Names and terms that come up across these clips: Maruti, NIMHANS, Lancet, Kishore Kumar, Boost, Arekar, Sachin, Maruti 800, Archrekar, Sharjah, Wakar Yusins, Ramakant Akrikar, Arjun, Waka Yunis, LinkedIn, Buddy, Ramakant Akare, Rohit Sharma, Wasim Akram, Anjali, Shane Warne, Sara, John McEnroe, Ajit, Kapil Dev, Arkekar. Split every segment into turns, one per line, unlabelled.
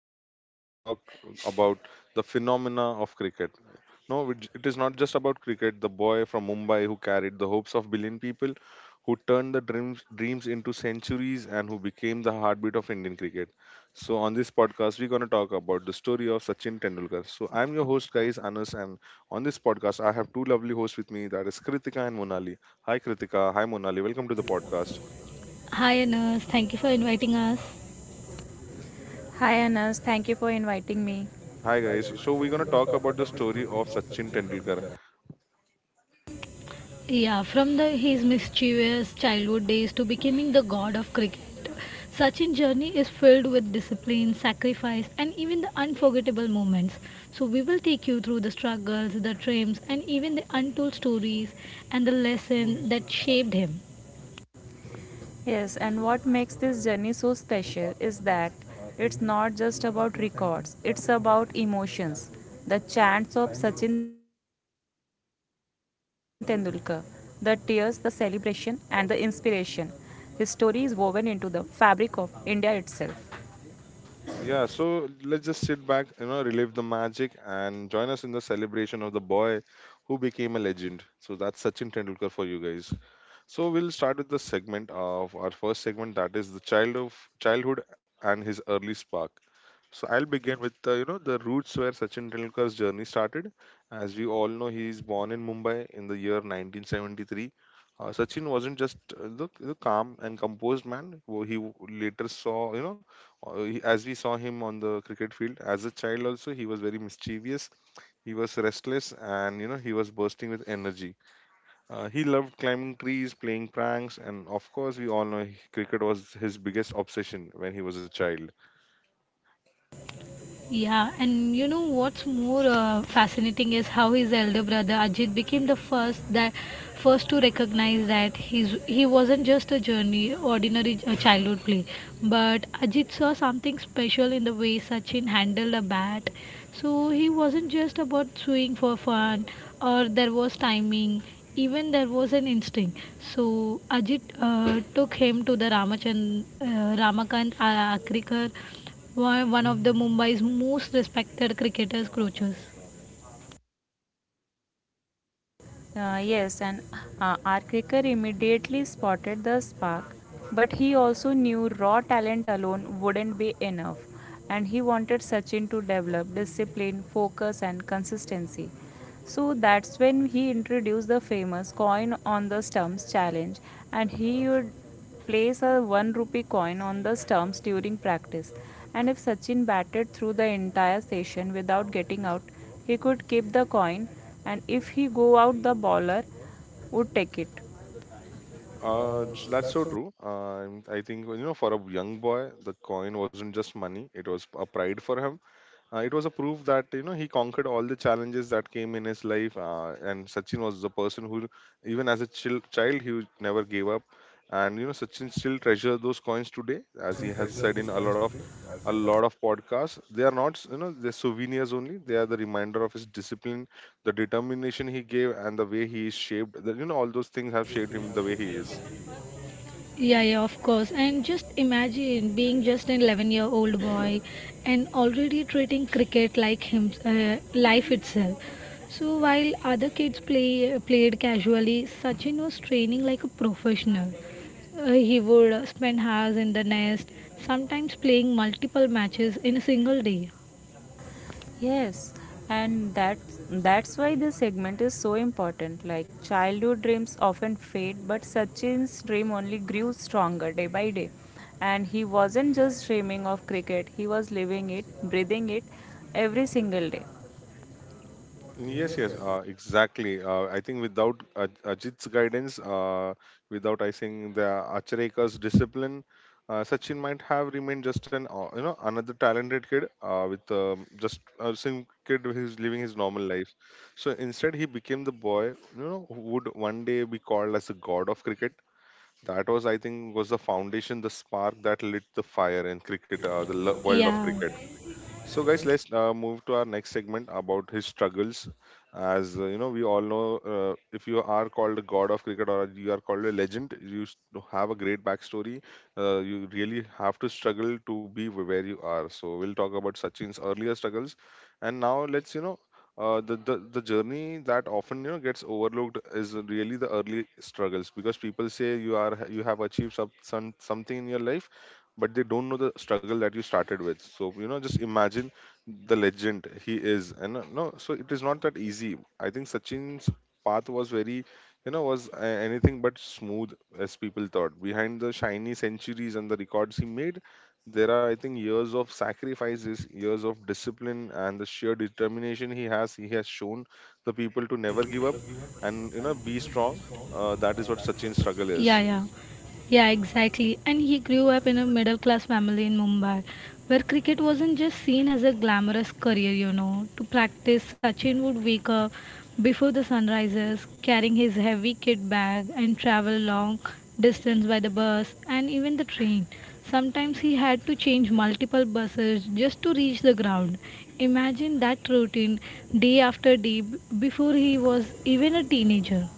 podcast, we're going to talk about the phenomena of cricket. No, it is not just about cricket. The boy from Mumbai who carried the hopes of billion people, who turned the dreams into centuries, and who became the heartbeat of Indian cricket. So on this podcast, we're going to talk about the story of Sachin Tendulkar. So I'm your host, guys, Anas, and on this podcast, I have two lovely hosts with me. That is Kritika and Monali. Hi, Kritika. Hi, Monali. Welcome to the podcast.
Hi Anas, thank you for inviting us.
Hi Anas, thank you for inviting me.
Hi guys. So we're gonna talk about the story of Sachin Tendulkar.
Yeah, from the his mischievous childhood days to becoming the god of cricket, Sachin's journey is filled with discipline, sacrifice, and even the unforgettable moments. So we will take you through the struggles, the triumphs, and even the untold stories and the lesson that shaped him.
Yes, and what makes this journey so special is that it's not just about records, it's about emotions. The chants of Sachin Tendulkar, the tears, the celebration, and the inspiration. His story is woven into the fabric of India itself.
Yeah. So let's just sit back, you know, relive the magic, and join us in the celebration of the boy who became a legend. So that's Sachin Tendulkar for you guys. So we'll start with the segment of our first segment, that is the child of childhood and his early spark. So I'll begin with you know, the roots where Sachin Tendulkar's journey started. As we all know, he is born in Mumbai in the year 1973. Sachin wasn't just the calm and composed man later saw, you know, he, as we saw him on the cricket field as a child. Also, he was very mischievous. He was restless, and you know, he was bursting with energy. He loved climbing trees, playing pranks, and of course, we all know cricket was his biggest obsession when he was a child.
Yeah, and you know what's more fascinating is how his elder brother Ajit became the first to recognize that he wasn't just a journey ordinary childhood play, but Ajit saw something special in the way Sachin handled a bat. So he wasn't just about swinging for fun, or there was timing. Even there was an instinct. So Ajit took him to the Ramakant Akrikar, one of the Mumbai's most respected cricketers, Crochus.
Yes, and Arkekar immediately spotted the spark, but he also knew raw talent alone wouldn't be enough, and he wanted Sachin to develop discipline, focus, and consistency. So that's when he introduced the famous coin on the stumps challenge, and he would place a 1 rupee coin on the stumps during practice. And if Sachin batted through the entire session without getting out, he could keep the coin, and if he go out, the bowler would take it.
That's so true. I think, you know, for a young boy, the coin wasn't just money; it was a pride for him. It was a proof that you know he conquered all the challenges that came in his life. And Sachin was the person who, even as a child, never gave up. And you know, Sachin still treasures those coins today, as he has said in a lot of podcasts. They are not, you know, they're souvenirs only. They are the reminder of his discipline, the determination he gave, and the way he is shaped. The, you know, all those things have shaped him the way he is.
Yeah, yeah, of course. And just imagine being just an 11-year-old year old boy and already treating cricket like him, life itself. So while other kids played casually, Sachin was training like a professional. He would spend hours in the nest, sometimes playing multiple matches in a single day.
Yes, and that's why this segment is so important. Like childhood dreams often fade, but Sachin's dream only grew stronger day by day, and he wasn't just dreaming of cricket, he was living it, breathing it every single day.
Yes, yes, exactly. I think without Ajit's guidance, without I think the Achareka's discipline, Sachin might have remained just an you know, another talented kid with just a same kid who's living his normal life. So instead, he became the boy, you know, who would one day be called as the god of cricket. That, was I think, was the foundation, the spark that lit the fire in cricket, world of
Yeah,
cricket. So, guys, let's move to our next segment about his struggles. As you know, we all know, if you are called a god of cricket or you are called a legend, you have a great backstory. You really have to struggle to be where you are. So, we'll talk about Sachin's earlier struggles, and now let's, you know. The journey that often, you know, gets overlooked is really the early struggles, because people say you are you have achieved some something in your life but they don't know the struggle that you started with. So, you know, just imagine the legend he is. And no, so it is not that easy. I think Sachin's path was very, you know, was anything but smooth, as people thought. Behind the shiny centuries and the records he made, there are, I think, years of sacrifices, years of discipline, and the sheer determination he has, he has shown the people, to never give up and you know be strong. That is what Sachin's struggle
yeah,
is.
yeah. Yeah, exactly. And he grew up in a middle class family in Mumbai where cricket wasn't just seen as a glamorous career, you know. To practice, Sachin would wake up before the sun rises, carrying his heavy kit bag and travel long distance by the bus and even the train. Sometimes he had to change multiple buses just to reach the ground. Imagine that routine day after day before he was even a teenager.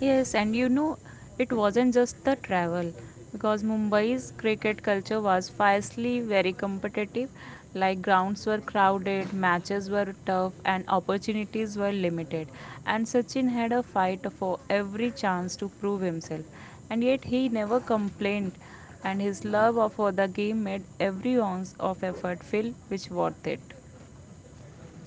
Yes, and you know, it wasn't just the travel because Mumbai's cricket culture was fiercely very competitive. Like grounds were crowded, matches were tough, and opportunities were limited. And Sachin had a fight for every chance to prove himself. And yet he never complained, and his love for the game made every ounce of effort feel which worth it.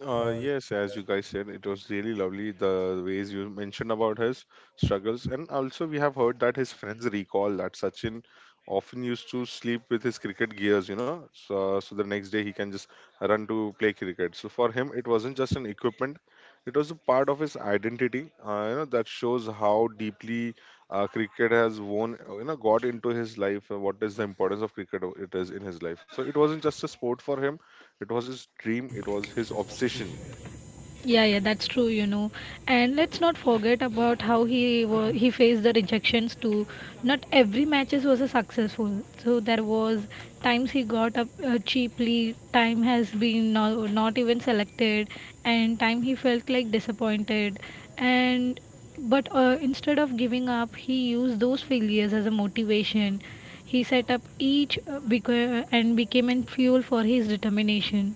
Yes, as you guys said, it was really lovely the ways you mentioned about his struggles. And also, we have heard that his friends recall that Sachin often used to sleep with his cricket gears, you know, so the next day he can just run to play cricket. So for him, it wasn't just an equipment; it was a part of his identity. You know, that shows how deeply cricket has won, you know, got into his life. What is the importance of cricket? It is in his life. So it wasn't just a sport for him, it was his dream, it was his obsession.
Yeah, yeah, that's true, you know. And let's not forget about how he faced the rejections too. Not every matches was a successful. So there was times he got up cheaply, time has been no, not even selected, and time he felt like disappointed. And but instead of giving up, he used those failures as a motivation. He set up each and became a fuel for his determination.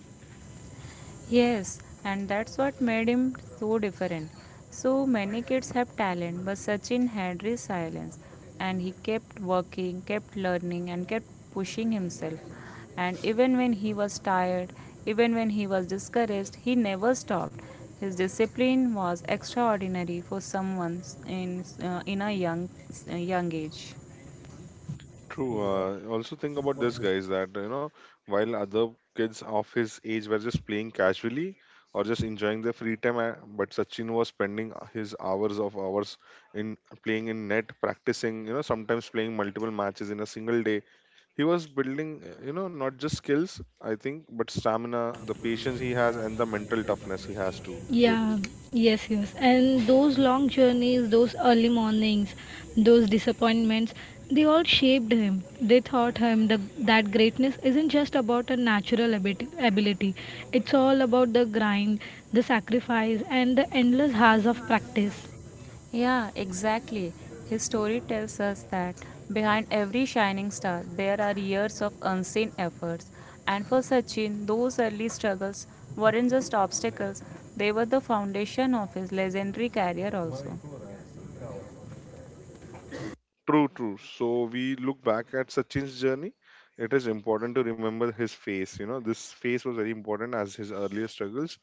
Yes, and that's what made him so different. So many kids have talent, but Sachin had resilience, and he kept working, kept learning, and kept pushing himself. And even when he was tired, even when he was discouraged, he never stopped. His discipline was extraordinary for someone in a young age.
True. Also think about this, guys, that you know, while other kids of his age were just playing casually or just enjoying their free time, but Sachin was spending his hours of hours in playing in net, practicing. You know, sometimes playing multiple matches in a single day. He was building, you know, not just skills, I think, but stamina, the patience he has, and the mental toughness he has to go
Yeah,
through.
yes, yes. And those long journeys, those early mornings, those disappointments, they all shaped him. They taught him that greatness isn't just about a natural ability, it's all about the grind, the sacrifice, and the endless hours of practice.
Yeah, exactly. His story tells us that behind every shining star, there are years of unseen efforts. And for Sachin, those early struggles weren't just obstacles, they were the foundation of his legendary career also.
True, true. So we look back at Sachin's journey. It is important to remember his face. You know, this face was very important as his earlier struggles.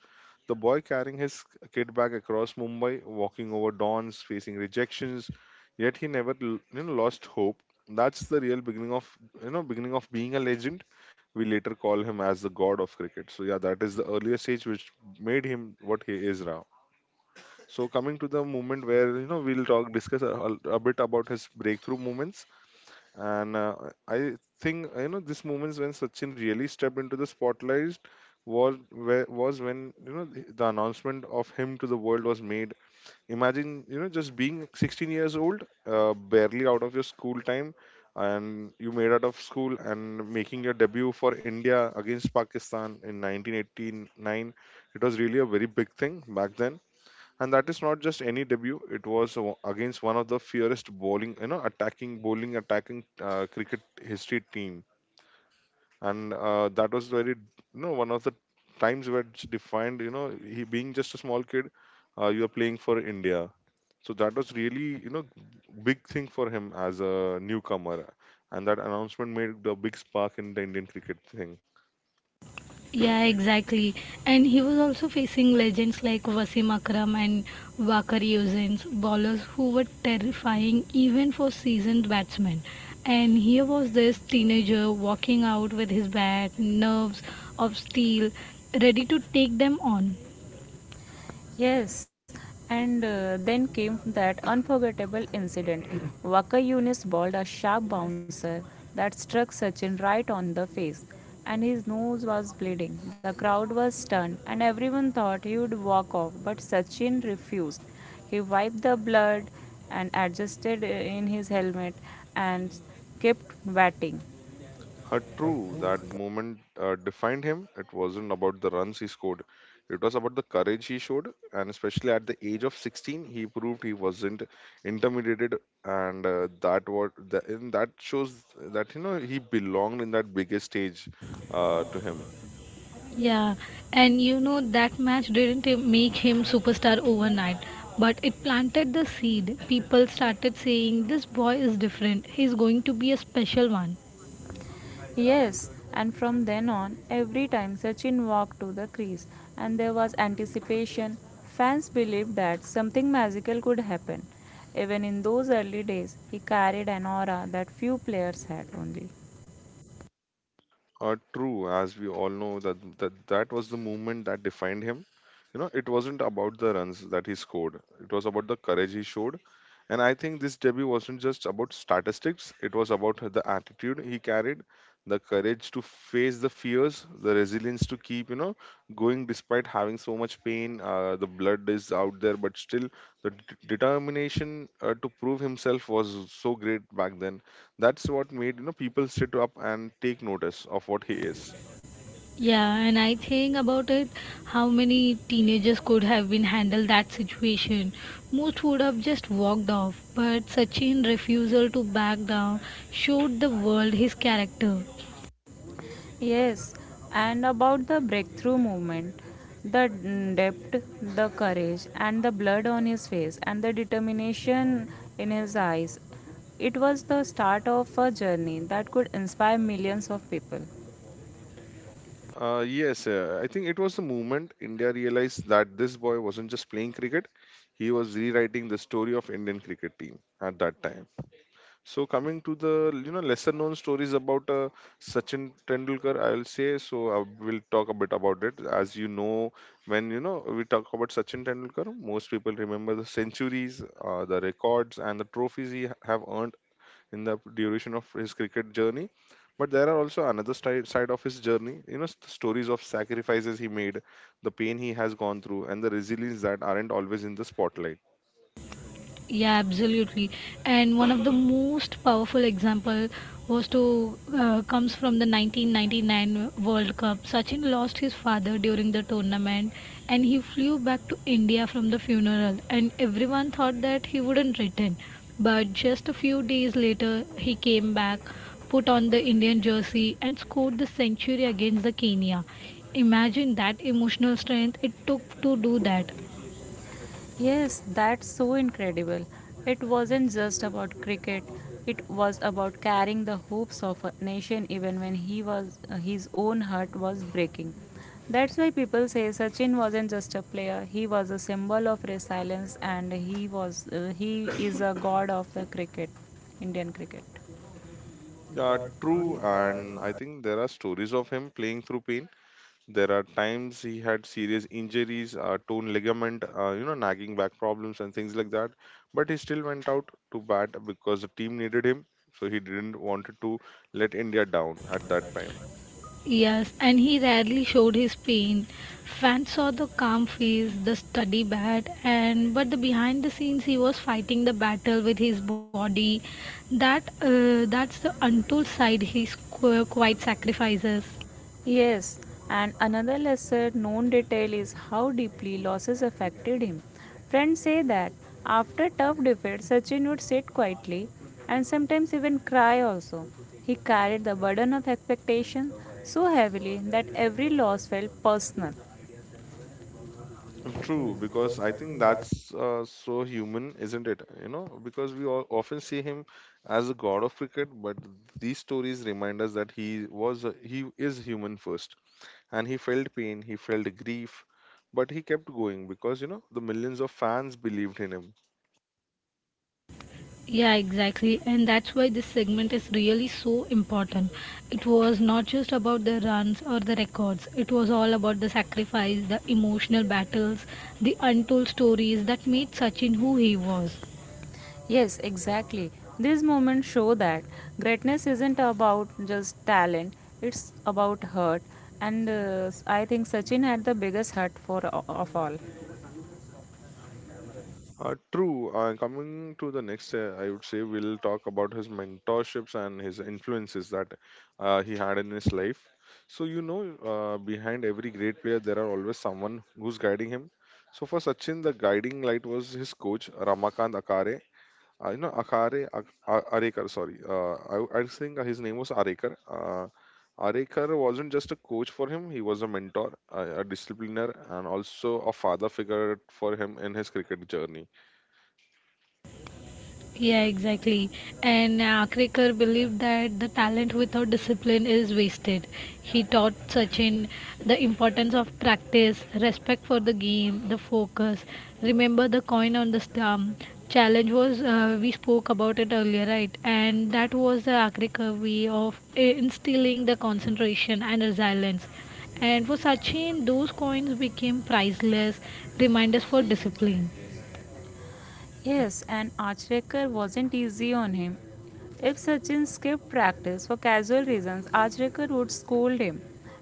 The boy carrying his kid bag across Mumbai, walking over dawns, facing rejections, yet he never you know, lost hope. That's the real beginning of, you know, beginning of being a legend. We later call him as the god of cricket. So yeah, that is the earlier stage which made him what he is now. So coming to the moment where, you know, we'll talk, discuss a bit about his breakthrough moments. And I think, you know, this moments when Sachin really stepped into the spotlight was where was when, you know, the announcement of him to the world was made. Imagine, you know, just being 16 years old, barely out of your school time, and you made out of school and making your debut for India against Pakistan in 1989. It was really a very big thing back then, and that is not just any debut. It was against one of the fiercest bowling, you know, attacking bowling, attacking cricket history team. And that was very, you know, one of the times where it's defined, you know, he being just a small kid, you are playing for India. So that was really, you know, big thing for him as a newcomer. And that announcement made the big spark in the Indian cricket thing.
Yeah, exactly. And he was also facing legends like Wasim Akram and Wakar Yusins, bowlers who were terrifying even for seasoned batsmen. And here was this teenager walking out with his bat, nerves of steel, ready to take them on.
Yes, and then came that unforgettable incident. Waka Yunis bowled a sharp bouncer that struck Sachin right on the face, and his nose was bleeding. The crowd was stunned, and everyone thought he would walk off, but Sachin refused. He wiped the blood and adjusted in his helmet and kept batting.
True, that moment defined him. It wasn't about the runs he scored, it was about the courage he showed. And especially at the age of 16, he proved he wasn't intimidated. And and that shows that, you know, he belonged in that biggest stage to him.
Yeah, and you know that match didn't make him superstar overnight, but it planted the seed. People started saying this boy is different. He's going to be a special one.
Yes, and from then on, every time Sachin walked to the crease, and there was anticipation, fans believed that something magical could happen. Even in those early days, he carried an aura that few players had only.
True, as we all know that, that was the movement that defined him. You know, it wasn't about the runs that he scored. It was about the courage he showed. And I think this debut wasn't just about statistics. It was about the attitude he carried, the courage to face the fears, the resilience to keep, you know, going despite having so much pain. The blood is out there, but still the d- determination to prove himself was so great back then. That's what made, you know, people sit up and take notice of what he is.
Yeah, and I think about it how many teenagers could have been handled that situation. Most would have just walked off, but Sachin refusal to back down showed the world his character.
Yes, and about the breakthrough movement, the depth, the courage, and the blood on his face, and the determination in his eyes, it was the start of a journey that could inspire millions of people.
Yes, I think it was the moment India realized that this boy wasn't just playing cricket, he was rewriting the story of Indian cricket team at that time. So coming to the, you know, lesser known stories about Sachin Tendulkar, I'll say. So I will talk a bit about it. As you know, when, you know, we talk about Sachin Tendulkar, most people remember the centuries, the records, and the trophies he have earned in the duration of his cricket journey. But there are also another side of his journey, you know, stories of sacrifices he made, the pain he has gone through, and the resilience that aren't always in the spotlight.
Yeah, absolutely. And one of the most powerful example was to comes from the 1999 World Cup. Sachin lost his father during the tournament, and he flew back to India from the funeral. And everyone thought that he wouldn't return, but just a few days later, he came back, put on the Indian jersey, and scored the century against the Kenya. Imagine that emotional strength it took to do that.
Yes, that's so incredible. It wasn't just about cricket. It was about carrying the hopes of a nation even when he was his own heart was breaking. That's why people say Sachin wasn't just a player. He was a symbol of resilience, and he is a god of the cricket, Indian cricket.
Yeah, true. And I think there are stories of him playing through pain. There are times he had serious injuries, torn ligament, you know, nagging back problems and things like that. But he still went out to bat because the team needed him. So he didn't wanted to let India down at that time.
Yes, and he rarely showed his pain. Fans saw the calm face, the study bat, and but the behind the scenes he was fighting the battle with his body. That's the untold side he quite sacrifices.
Yes, and another lesser known detail is how deeply losses affected him. Friends say that after tough defeats, Sachin would sit quietly and sometimes even cry also. He carried the burden of expectation so heavily that every loss felt personal.
True, because I think that's so human, isn't it? You know, because we all often see him as a god of cricket, but these stories remind us that he was he is human first, and he felt pain, he felt grief, but he kept going because, you know, the millions of fans believed in him.
Yeah, exactly, and that's why this segment is really so important. It was not just about the runs or the records. It was all about the sacrifice, the emotional battles, the untold stories that made Sachin who he was.
Yes, exactly. These moments show that greatness isn't about just talent, it's about hurt. And I think Sachin had the biggest hurt for of all.
True. Coming to the next, I would say we'll talk about his mentorships and his influences that he had in his life. So, you know, Behind every great player, there are always someone who's guiding him. So, for Sachin, the guiding light was his coach, Ramakant Akare. Akare, Arekar, sorry. I think his name was Arekar. Arekar wasn't just a coach for him, he was a mentor, a discipliner, and also a father figure for him in his cricket journey.
Yeah, exactly. And Akrikar believed that the talent without discipline is wasted. He taught Sachin the importance of practice, respect for the game, the focus. Remember the coin on the stump. Challenge was we spoke about it earlier, right? And that was the Akrikar way of instilling the concentration and resilience. And for Sachin, those coins became priceless reminders for discipline.
Yes, and Archrekar wasn't easy on him. If Sachin skipped practice for casual reasons, Archrekar would scold him.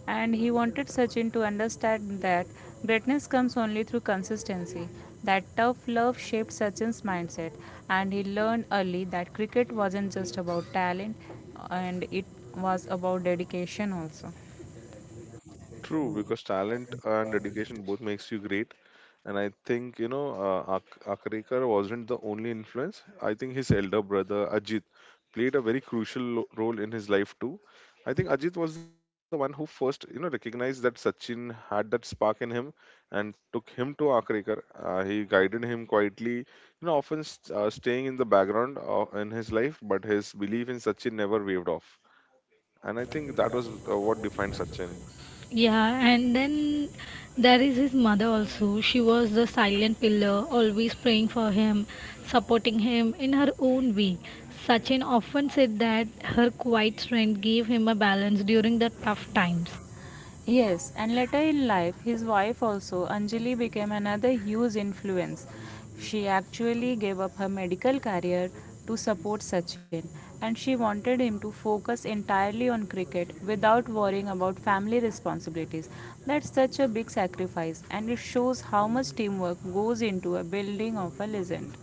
And he wanted Sachin to understand that greatness comes only through consistency. That tough love shaped Sachin's mindset, and he learned early that cricket wasn't just about talent, and it was about dedication also.
True, because talent and dedication both makes you great. And I think, Akrekar wasn't the only influence. I think his elder brother, Ajit, played a very crucial role in his life too. I think Ajit was the one who first, you know, recognized that Sachin had that spark in him and took him to Akrekar. He guided him quietly, you know, staying in the background in his life, but his belief in Sachin never waved off. And I think that was what defined Sachin.
Yeah, and then there is his mother also. She was the silent pillar, always praying for him, supporting him in her own way. Sachin often said that her quiet strength gave him a balance during the tough times.
Yes, and later in life, his wife also, Anjali, became another huge influence. She actually gave up her medical career to support Sachin, and she wanted him to focus entirely on cricket without worrying about family responsibilities. That's such a big sacrifice, and it shows how much teamwork goes into a building of a legend.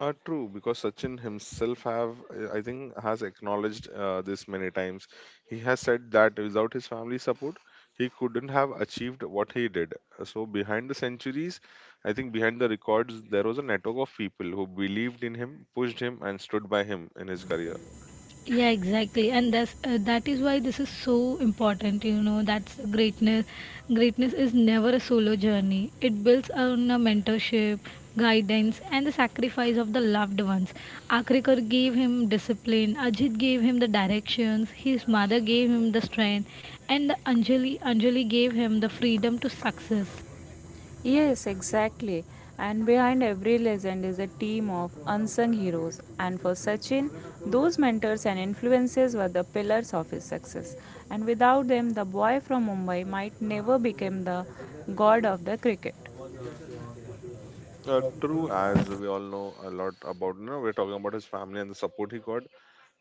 True, because Sachin himself have I think has acknowledged this many times. He has said that without his family support, he couldn't have achieved what he did. So behind the centuries, I think behind the records, there was a network of people who believed in him, pushed him, and stood by him in his career.
Yeah, exactly, and that is why this is so important, you know. That's greatness Greatness is never a solo journey. It builds on a mentorship, guidance, and the sacrifice of the loved ones. Akrikar gave him discipline, Ajit gave him the directions, his mother gave him the strength, and the anjali anjali gave him the freedom to success.
Yes, exactly. And behind every legend is a team of unsung heroes. And for Sachin, those mentors and influences were the pillars of his success. And without them, the boy from Mumbai might never become the god of the cricket.
True, as we all know a lot about, you know, we're talking about his family and the support he got.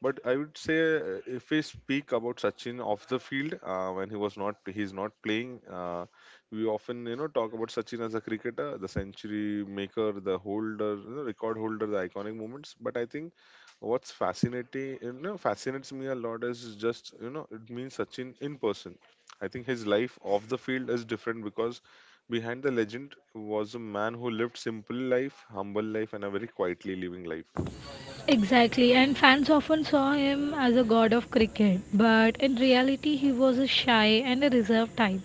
But I would say if we speak about Sachin off the field, when he was not, he's not playing. We often, you know, talk about Sachin as a cricketer, the century maker, the holder, you know, record holder, the iconic moments. But I think what's fascinating, you know, fascinates me a lot is just, you know, it means Sachin in person. I think his life off the field is different because behind the legend was a man who lived simple life, humble life, and a very quietly living life.
Exactly, and fans often saw him as a god of cricket, but in reality, he was a shy and a reserved type.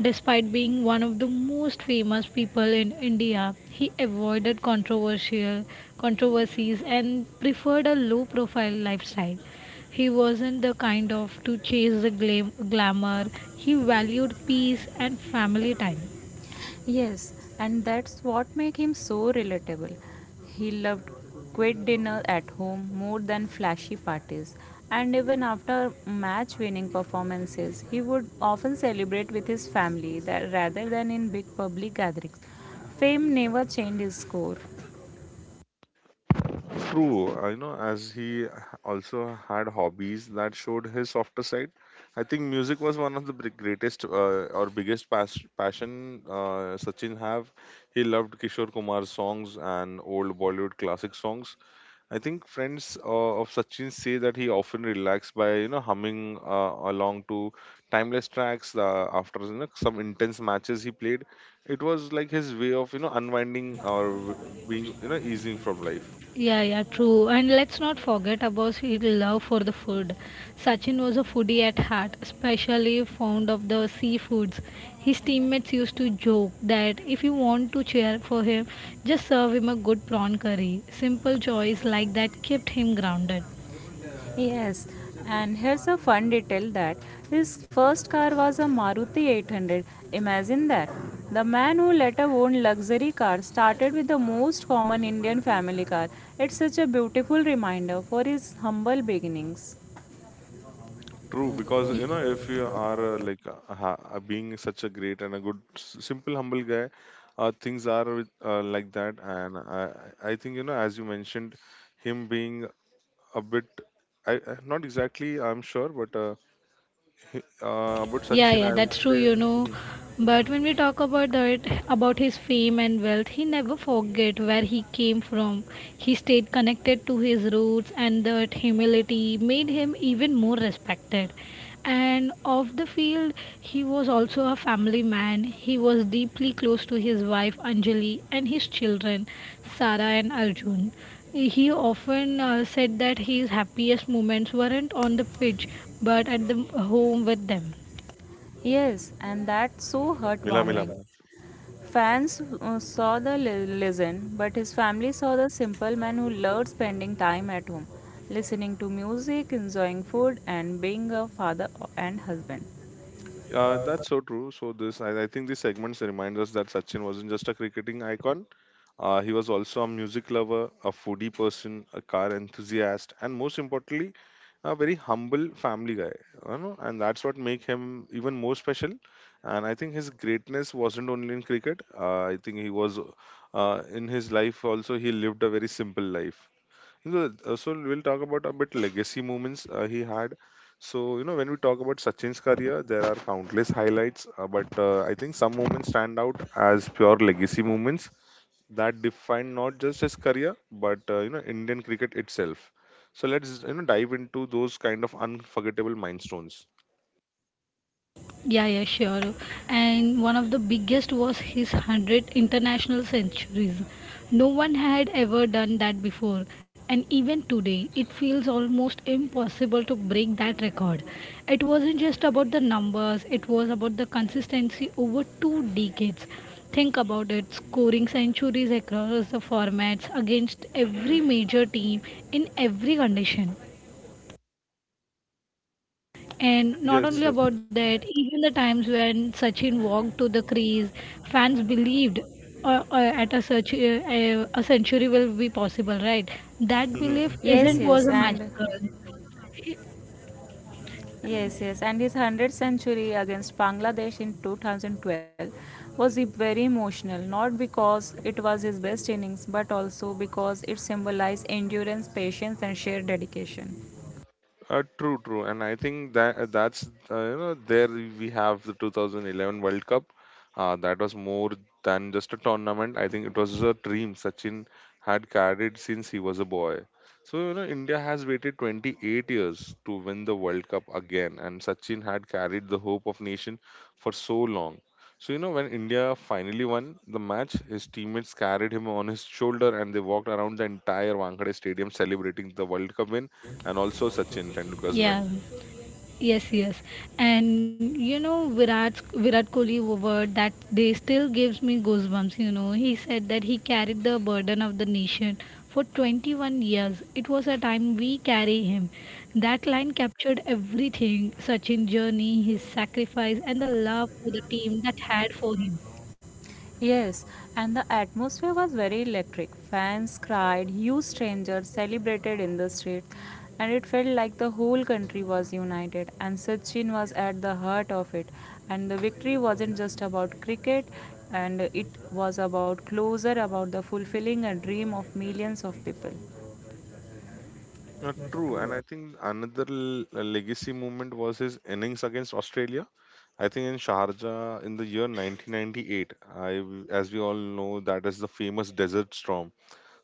Despite being one of the most famous people in India, he avoided controversial controversies and preferred a low-profile lifestyle. He wasn't the kind of to chase the glamour. He valued peace and family time.
Yes, and that's what makes him so relatable. He loved quiet dinner at home more than flashy parties, and even after match winning performances, he would often celebrate with his family that rather than in big public gatherings. Fame never changed his score.
True, you know, as he also had hobbies that showed his softer side. I think music was one of the greatest or biggest passion Sachin have. He loved Kishore Kumar's songs and old Bollywood classic songs. I think friends of Sachin say that he often relaxed by, you know, humming along to timeless tracks after, you know, some intense matches he played. It was like his way of, you know, unwinding being, you know, easing from life.
Yeah, yeah, true. And let's not forget about his love for the food. Sachin was a foodie at heart, especially fond of the seafoods. His teammates used to joke that if you want to cheer for him, just serve him a good prawn curry. Simple joys like that kept him grounded.
Yes, and here's a fun detail that his first car was a Maruti 800. Imagine that. The man who later owned luxury cars started with the most common Indian family car. It's such a beautiful reminder for his humble beginnings.
True, because you know, if you are being such a great and a good, simple, humble guy, things are with, like that. And I think you know, as you mentioned, him being a bit, not exactly, I'm sure, but about
Yeah,
Sachin,
yeah,
I
that's
would
true,
say.
you know.
Mhm.
But when we talk about that, about his fame and wealth, he never forget where he came from. He stayed connected to his roots, and that humility made him even more respected. And off the field, he was also a family man. He was deeply close to his wife Anjali and his children, Sara and Arjun. He often said that his happiest moments weren't on the pitch, but at the home with them.
Yes, and that's so
Mila, Mila,
heartwarming.
Mila.
Fans saw the legend, but his family saw the simple man who loved spending time at home, listening to music, enjoying food, and being a father and husband.
That's so true. So this, I think, this segments reminds us that Sachin wasn't just a cricketing icon. He was also a music lover, a foodie person, a car enthusiast, and most importantly, a very humble family guy. You know, and that's what make him even more special. And I think his greatness wasn't only in cricket. I think he was in his life also. He lived a very simple life. So we'll talk about a bit legacy moments he had. So you know, when we talk about Sachin's career, there are countless highlights, but I think some moments stand out as pure legacy moments that defined not just his career but, you know, Indian cricket itself. So let's, you know, dive into those kind of unforgettable milestones.
Yeah, yeah, sure. And one of the biggest was his 100 international centuries. No one had ever done that before, and even today, it feels almost impossible to break that record. It wasn't just about the numbers, it was about the consistency over two decades. Think about it scoring centuries across the formats against every major team in every condition. And not
Yes,
only
yes.
about that, even the times when Sachin walked to the crease, fans believed a century will be possible, right? That
Yes,
belief
yes,
isn't was
and
a magical.
yes, yes, and his 100th century against Bangladesh in 2012 was very emotional, not because it was his best innings, but also because it symbolized endurance, patience, and sheer dedication.
True, and I think that that's you know, there we have the 2011 World Cup. That was more than just a tournament. I think it was a dream Sachin had carried since he was a boy. So you know India has waited 28 years to win the World Cup again, and Sachin had carried the hope of nation for so long. So you know when India finally won the match, his teammates carried him on his shoulder and they walked around the entire Wankhede Stadium celebrating the World Cup win and also Sachin Tendulkar's
Yeah.
win.
Yes, yes, and you know Virat Kohli word that they still gives me goosebumps. You know he said that he carried the burden of the nation for 21 years. It was a time we carry him. That line captured everything: Sachin's journey, his sacrifice, and the love for the team that had for him.
Yes, and the atmosphere was very electric. Fans cried, huge strangers celebrated in the street, and it felt like the whole country was united. And Sachin was at the heart of it. And the victory wasn't just about cricket, and it was about closer, about the fulfilling a dream of millions of people.
Not true, and I think another legacy moment was his innings against Australia. I think in Sharjah in the year 1998, as we all know, that is the famous desert storm.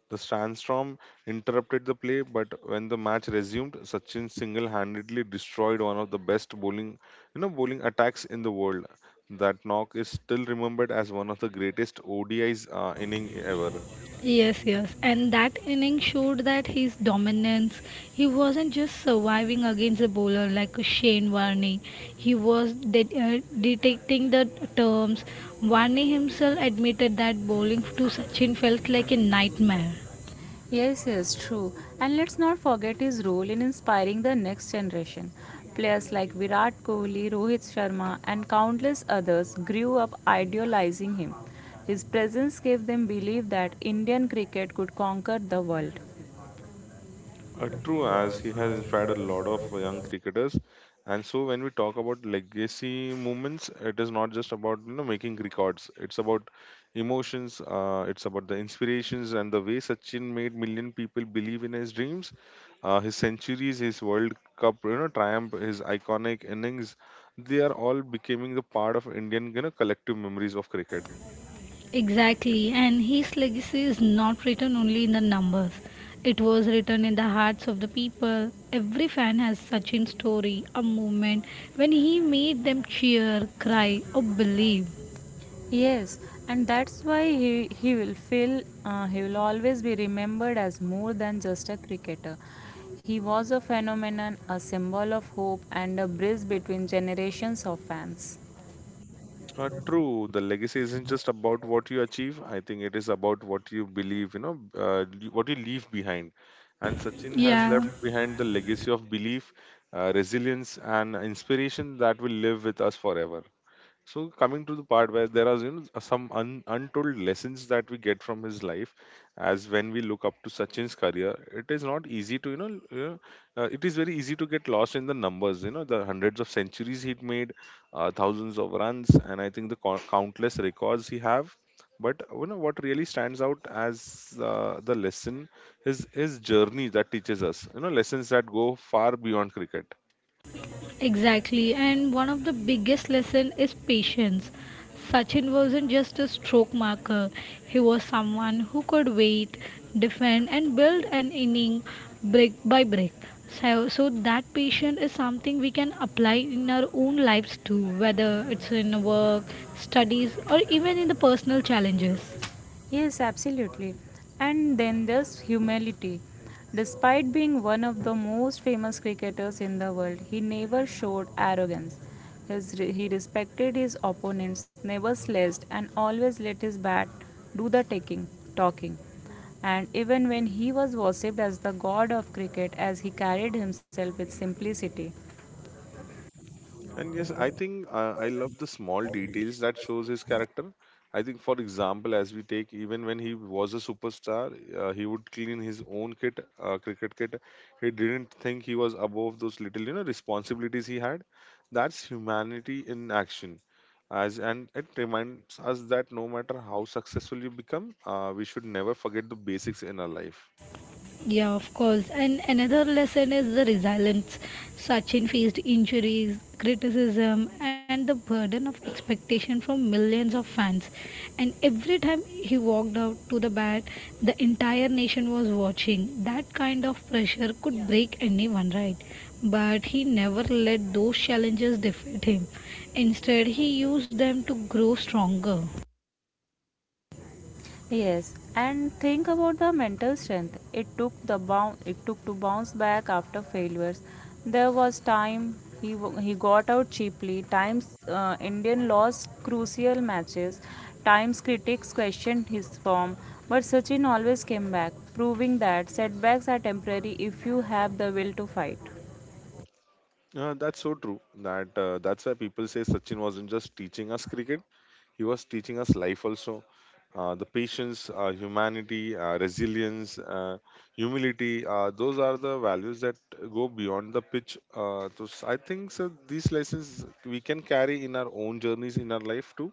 The sandstorm interrupted the play, but when the match resumed, Sachin single-handedly destroyed one of the best bowling, you know, bowling attacks in the world. That knock is still remembered as one of the greatest ODIs inning ever.
Yes, yes. And that inning showed that his dominance, he wasn't just surviving against a bowler like Shane Warne. He was detecting the terms. Warne himself admitted that bowling to Sachin felt like a nightmare.
Yes, yes, true. And let's not forget his role in inspiring the next generation. Players like Virat Kohli, Rohit Sharma, and countless others grew up idealizing him. His presence gave them belief that Indian cricket could conquer the world.
True, as he has inspired a lot of young cricketers. And so, when we talk about legacy movements, it is not just about, you know, making records. It's about emotions. It's about the inspirations and the way Sachin made million people believe in his dreams. His centuries, his World Cup, you know, triumph, his iconic innings, they are all becoming the part of Indian, you know, collective memories of cricket.
Exactly, and his legacy is not written only in the numbers. It was written in the hearts of the people. Every fan has Sachin's story, a moment when he made them cheer, cry, or believe.
Yes, and that's why he will always be remembered as more than just a cricketer. He was a phenomenon, a symbol of hope, and a bridge between generations of fans.
True. The legacy isn't just about what you achieve. I think it is about what you believe, what you leave behind. And Sachin has
Yeah,
left behind the legacy of belief, resilience, and inspiration that will live with us forever. So coming to the part where there are, you know, some untold lessons that we get from his life, as when we look up to Sachin's career, it is not easy to it is very easy to get lost in the numbers. You know, the hundreds of centuries he made, thousands of runs, and I think the countless records he have. But you know what really stands out as the lesson is his journey that teaches us. You know, lessons that go far beyond cricket.
exactly. And one of the biggest lesson is patience. Sachin wasn't just a stroke marker. He was someone who could wait, defend and build an inning brick by brick. So that patience is something we can apply in our own lives too, whether it's in work, studies or even in the personal challenges.
Yes, absolutely. And then there's humility. Despite being one of the most famous cricketers in the world, he never showed arrogance. He respected his opponents, never sledged, and always let his bat do the talking. And even when he was worshipped as the god of cricket, as he carried himself with simplicity.
And yes, I think I love the small details that shows his character. I think, for example, as we take even when he was a superstar, he would clean his own kit, cricket kit. He didn't think he was above those little, you know, responsibilities he had. That's humanity in action. As and it reminds us that no matter how successful you become, we should never forget the basics in our life.
Yeah, of course. And another lesson is the resilience. Sachin faced injuries, criticism, and the burden of expectation from millions of fans. And every time he walked out to the bat, the entire nation was watching. That kind of pressure could, yeah, break anyone, right? But he never let those challenges defeat him. Instead, he used them to grow stronger.
Yes, and think about the mental strength. It took the bounce. It took to bounce back after failures. There was time he got out cheaply. Times Indian lost crucial matches. Times critics questioned his form, but Sachin always came back, proving that setbacks are temporary if you have the will to fight.
That's so true. That's why people say Sachin wasn't just teaching us cricket. He was teaching us life also. The patience, humanity, resilience, humility, those are the values that go beyond the pitch. I think so these lessons we can carry in our own journeys in our life too.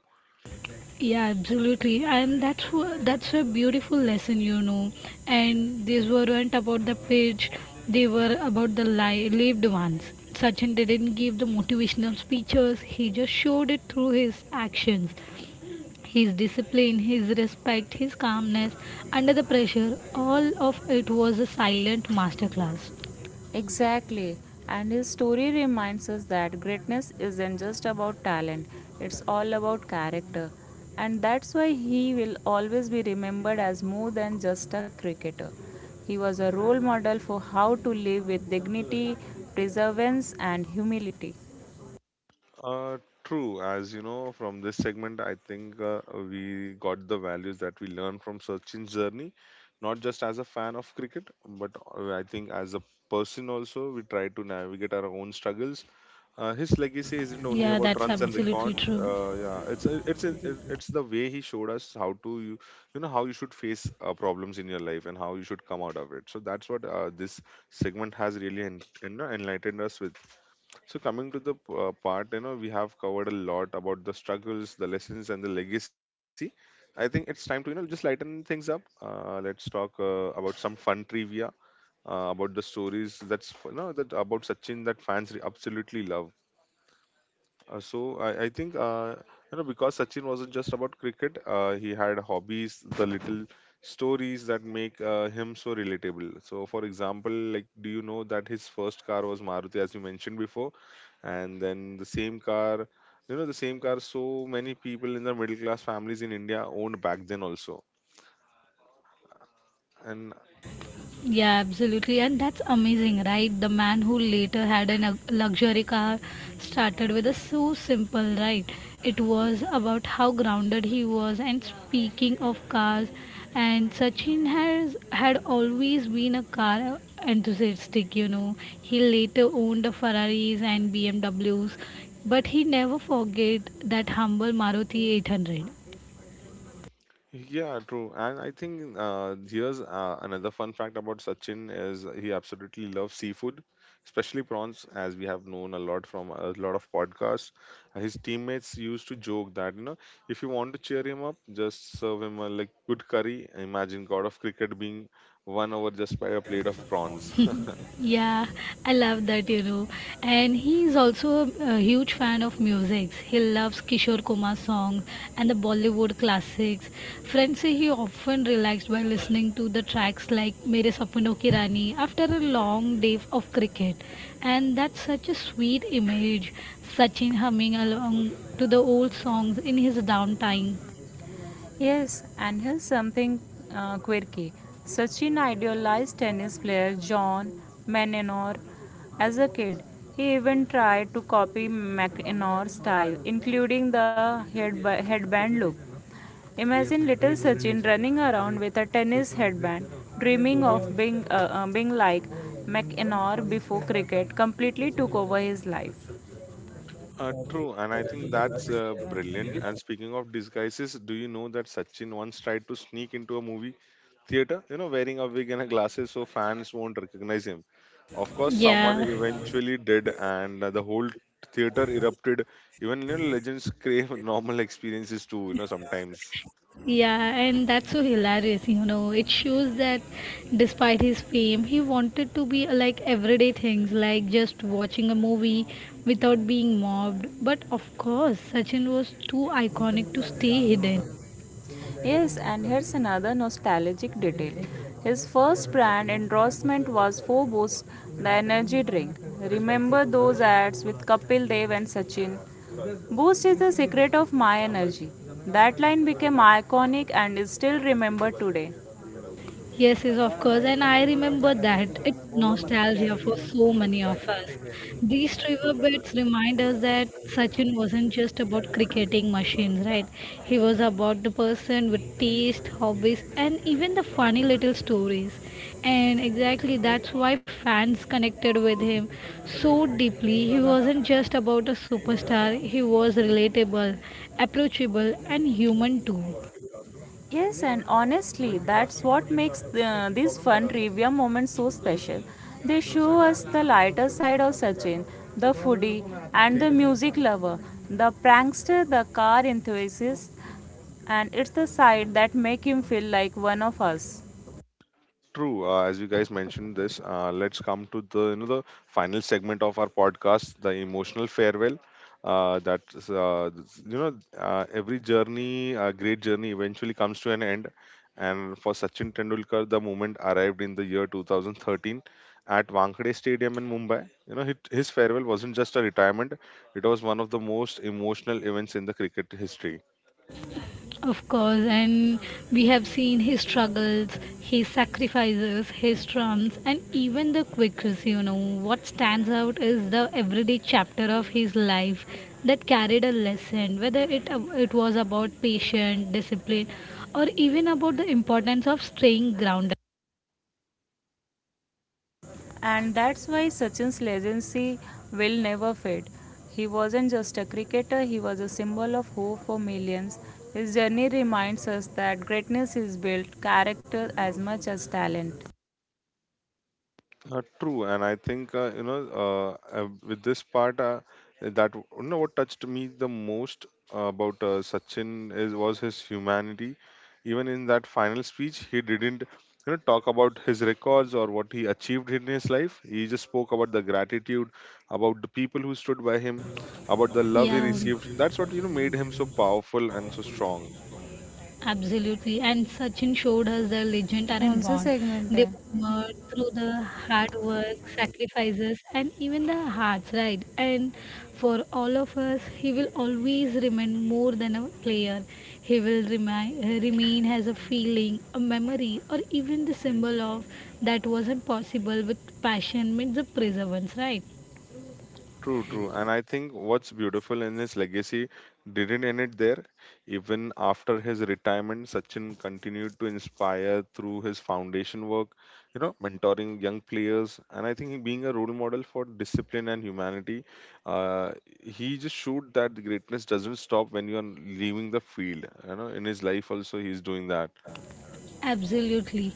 Yeah, absolutely. And that's a beautiful lesson, you know. And these weren't about the page; they were about the lived ones. Sachin didn't give the motivational speeches; he just showed it through his actions, his discipline, his respect, his calmness under the pressure. All of it was a silent masterclass.
Exactly. And his story reminds us that greatness isn't just about talent, it's all about character. And that's why he will always be remembered as more than just a cricketer. He was a role model for how to live with dignity, perseverance, and humility.
Uh, True. As you know, from this segment, I think we got the values that we learned from Sachin's journey, not just as a fan of cricket, but I think as a person also, we try to navigate our own struggles. His legacy isn't only
Yeah,
about
that's
runs and
absolutely
recon.
true.
It's it's the way he showed us how to you know how you should face problems in your life and how you should come out of it. So that's what this segment has really you know, enlightened us with. So coming to the part, you know, we have covered a lot about the struggles, the lessons, and the legacy. I think it's time to, you know, just lighten things up. Let's talk about some fun trivia about the stories that's you know that about Sachin that fans absolutely love. So I think you know because Sachin wasn't just about cricket. He had hobbies, the little stories that make him so relatable. So for example, like do you know that his first car was Maruti, as you mentioned before, and then the same car, you know, the same car. So many people in the middle class families in India owned back then also, and
Yeah, absolutely. And that's amazing, right? The man who later had a luxury car started with a so simple, right? It was about how grounded he was. And speaking of cars, and Sachin has had always been a car enthusiastic, you know. He later owned the Ferraris and BMWs, but he never forget that humble Maruti 800.
yeah, true. And I think here's another fun fact about Sachin is he absolutely loves seafood, especially prawns, as we have known a lot from a lot of podcasts. His teammates used to joke that, you know, if you want to cheer him up, just serve him a like good curry. Imagine God of cricket being won over just by a plate of prawns.
Yeah, I love that, you know. And he is also a huge fan of music. He loves Kishore Kumar's songs and the Bollywood classics. Friends say he often relaxed by listening to the tracks like Mere Sapno Ki Rani after a long day of cricket. And that's such a sweet image, Sachin humming along to the old songs in his downtime.
Yes, and here's something quirky. Sachin idealized tennis player John McEnroe as a kid. He even tried to copy McEnroe's style, including the headband look. Imagine little Sachin running around with a tennis headband, dreaming of being like McEnroe before cricket completely took over his life.
True, and I think that's brilliant. And speaking of disguises, do you know that Sachin once tried to sneak into a movie theater, you know, wearing a wig and a glasses so fans won't recognize him? Of course, someone
Yeah.
eventually did, and the whole theater erupted. Even, you know, legends crave normal experiences too, you know, sometimes.
Yeah, and that's so hilarious, you know. It shows that despite his fame, he wanted to be like everyday things, like just watching a movie without being mobbed. But of course, Sachin was too iconic to stay hidden.
Yes, and here's another nostalgic detail. His first brand endorsement was for Boost, the energy drink. Remember those ads with Kapil Dev and Sachin? Boost is the secret of my energy. That line became iconic and is still remembered today.
Yes, yes, of course. And I remember that. It's nostalgia for so many of us. These riverbeds remind us that Sachin wasn't just about cricketing machines, right? He was about the person with taste, hobbies, and even the funny little stories. And exactly that's why fans connected with him so deeply. He wasn't just about a superstar, he was relatable, approachable, and human too.
Yes, and honestly, that's what makes these fun trivia moments so special. They show us the lighter side of Sachin, the foodie and the music lover, the prankster, the car enthusiast, and it's the side that make him feel like one of us.
True, as you guys mentioned this, let's come to the, you know, the final segment of our podcast, the emotional farewell. You know, great journey, eventually comes to an end. And for Sachin Tendulkar, the moment arrived in the year 2013 at Wankhede Stadium in Mumbai. You know, his farewell wasn't just a retirement; it was one of the most emotional events in the cricket history.
Of course, and we have seen his struggles, his sacrifices, his triumphs, and even the quirks. You know, what stands out is the everyday chapter of his life that carried a lesson, whether it was about patience, discipline, or even about the importance of staying grounded.
And that's why Sachin's legacy will never fade. He wasn't just a cricketer, he was a symbol of hope for millions. His journey reminds us that greatness is built character as much as talent.
True, and I think you know with this part that w- you know what touched me the most about Sachin is was his humanity. Even in that final speech, he didn't, you know, talk about his records or what he achieved in his life. He just spoke about the gratitude, about the people who stood by him, about the love he
Yeah.
received. That's what you know made him so powerful and so strong.
Absolutely. And Sachin showed us the legend
कौन
aren't
सा
born.
Segment है?
They were made through the hard work, sacrifices, and even the hearts, right? And for all of us, he will always remain more than a player. He will remain as a feeling, a memory, or even the symbol of that wasn't possible with passion means the perseverance, right?
True, true. And I think what's beautiful in his legacy didn't end it there. Even after his retirement, Sachin continued to inspire through his foundation work, you know, mentoring young players. And I think being a role model for discipline and humanity, uh, he just showed that the greatness doesn't stop when you're leaving the field. You know, in his life also, he's doing that.
Absolutely.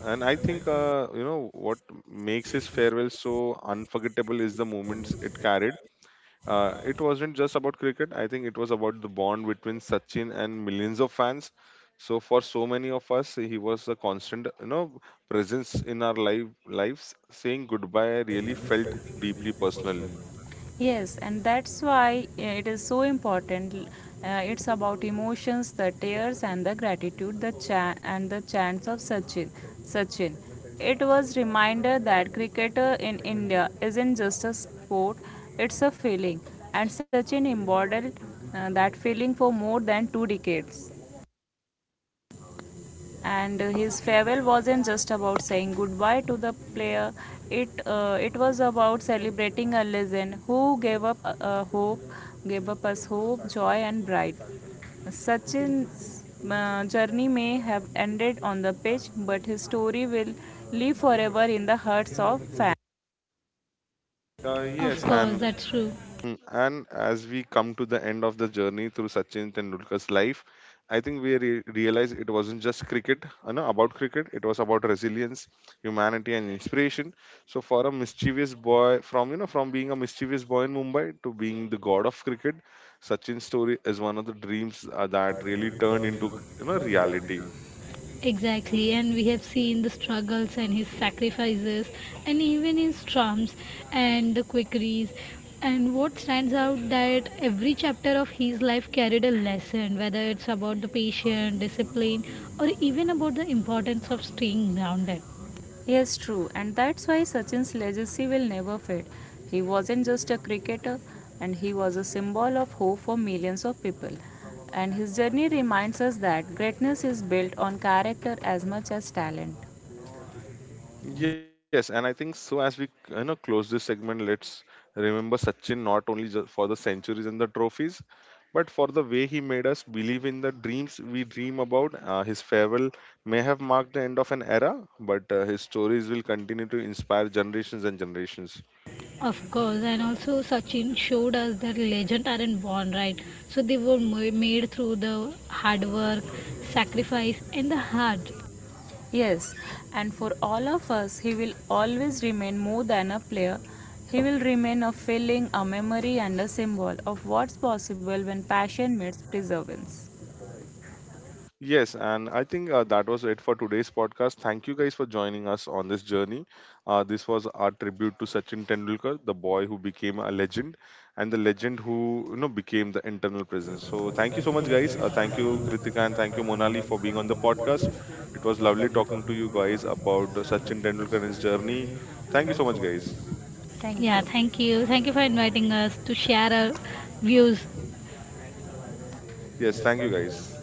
And I think, you know, what makes his farewell so unforgettable is the moments it carried. It wasn't just about cricket. I think it was about the bond between Sachin and millions of fans. So for so many of us, he was a constant, you know, presence in our life lives. Saying goodbye really felt deeply personal.
Yes, and that's why it is so important. It's about emotions, the tears, and the gratitude, the and the chants of Sachin. Sachin. It was reminder that cricketer in India isn't just a sport; it's a feeling, and Sachin embodied that feeling for more than 2 decades. And his farewell wasn't just about saying goodbye to the player. It was about celebrating a legend who gave up hope gave up us hope, joy, and pride. Sachin's journey may have ended on the pitch, but his story will live forever in the hearts of fans.
Yes,
Of course,
and
that's true.
hmm, and as we come to the end of the journey through Sachin Tendulkar's life, I think we realize it wasn't just cricket, you know, about cricket. It was about resilience, humanity, and inspiration. So for a mischievous boy, from you know, From being a mischievous boy in Mumbai to being the god of cricket, Sachin's story is one of the dreams that really turned into, you know, reality.
Exactly, and we have seen the struggles and his sacrifices, and even his triumphs and the quickeries. And what stands out that every chapter of his life carried a lesson, whether it's about the patience, discipline, or even about the importance of staying grounded.
Yes, true, and that's why Sachin's legacy will never fade. He wasn't just a cricketer, and he was a symbol of hope for millions of people. And his journey reminds us that greatness is built on character as much as talent.
Yes, and I think so. As we, you know, close this segment, let's remember Sachin not only for the centuries and the trophies, but for the way he made us believe in the dreams we dream about. His farewell may have marked the end of an era, but his stories will continue to inspire generations and generations.
Of course, and also Sachin showed us that legends aren't born, right? So they were made through the hard work, sacrifice, and the heart.
Yes, and for all of us, he will always remain more than a player. He will remain a feeling, a memory, and a symbol of what's possible when passion meets perseverance.
Yes, and I think that was it for today's podcast. Thank you guys for joining us on this journey. This was our tribute to Sachin Tendulkar, the boy who became a legend, and the legend who you know became the internal presence. So thank you so much, guys. Thank you, Kritika, and thank you, Monali, for being on the podcast. It was lovely talking to you guys about Sachin Tendulkar and his journey. Thank you so much, guys.
Thank
Yeah,
you.
thank you. Thank you for inviting us to share our views.
Yes, thank you, guys.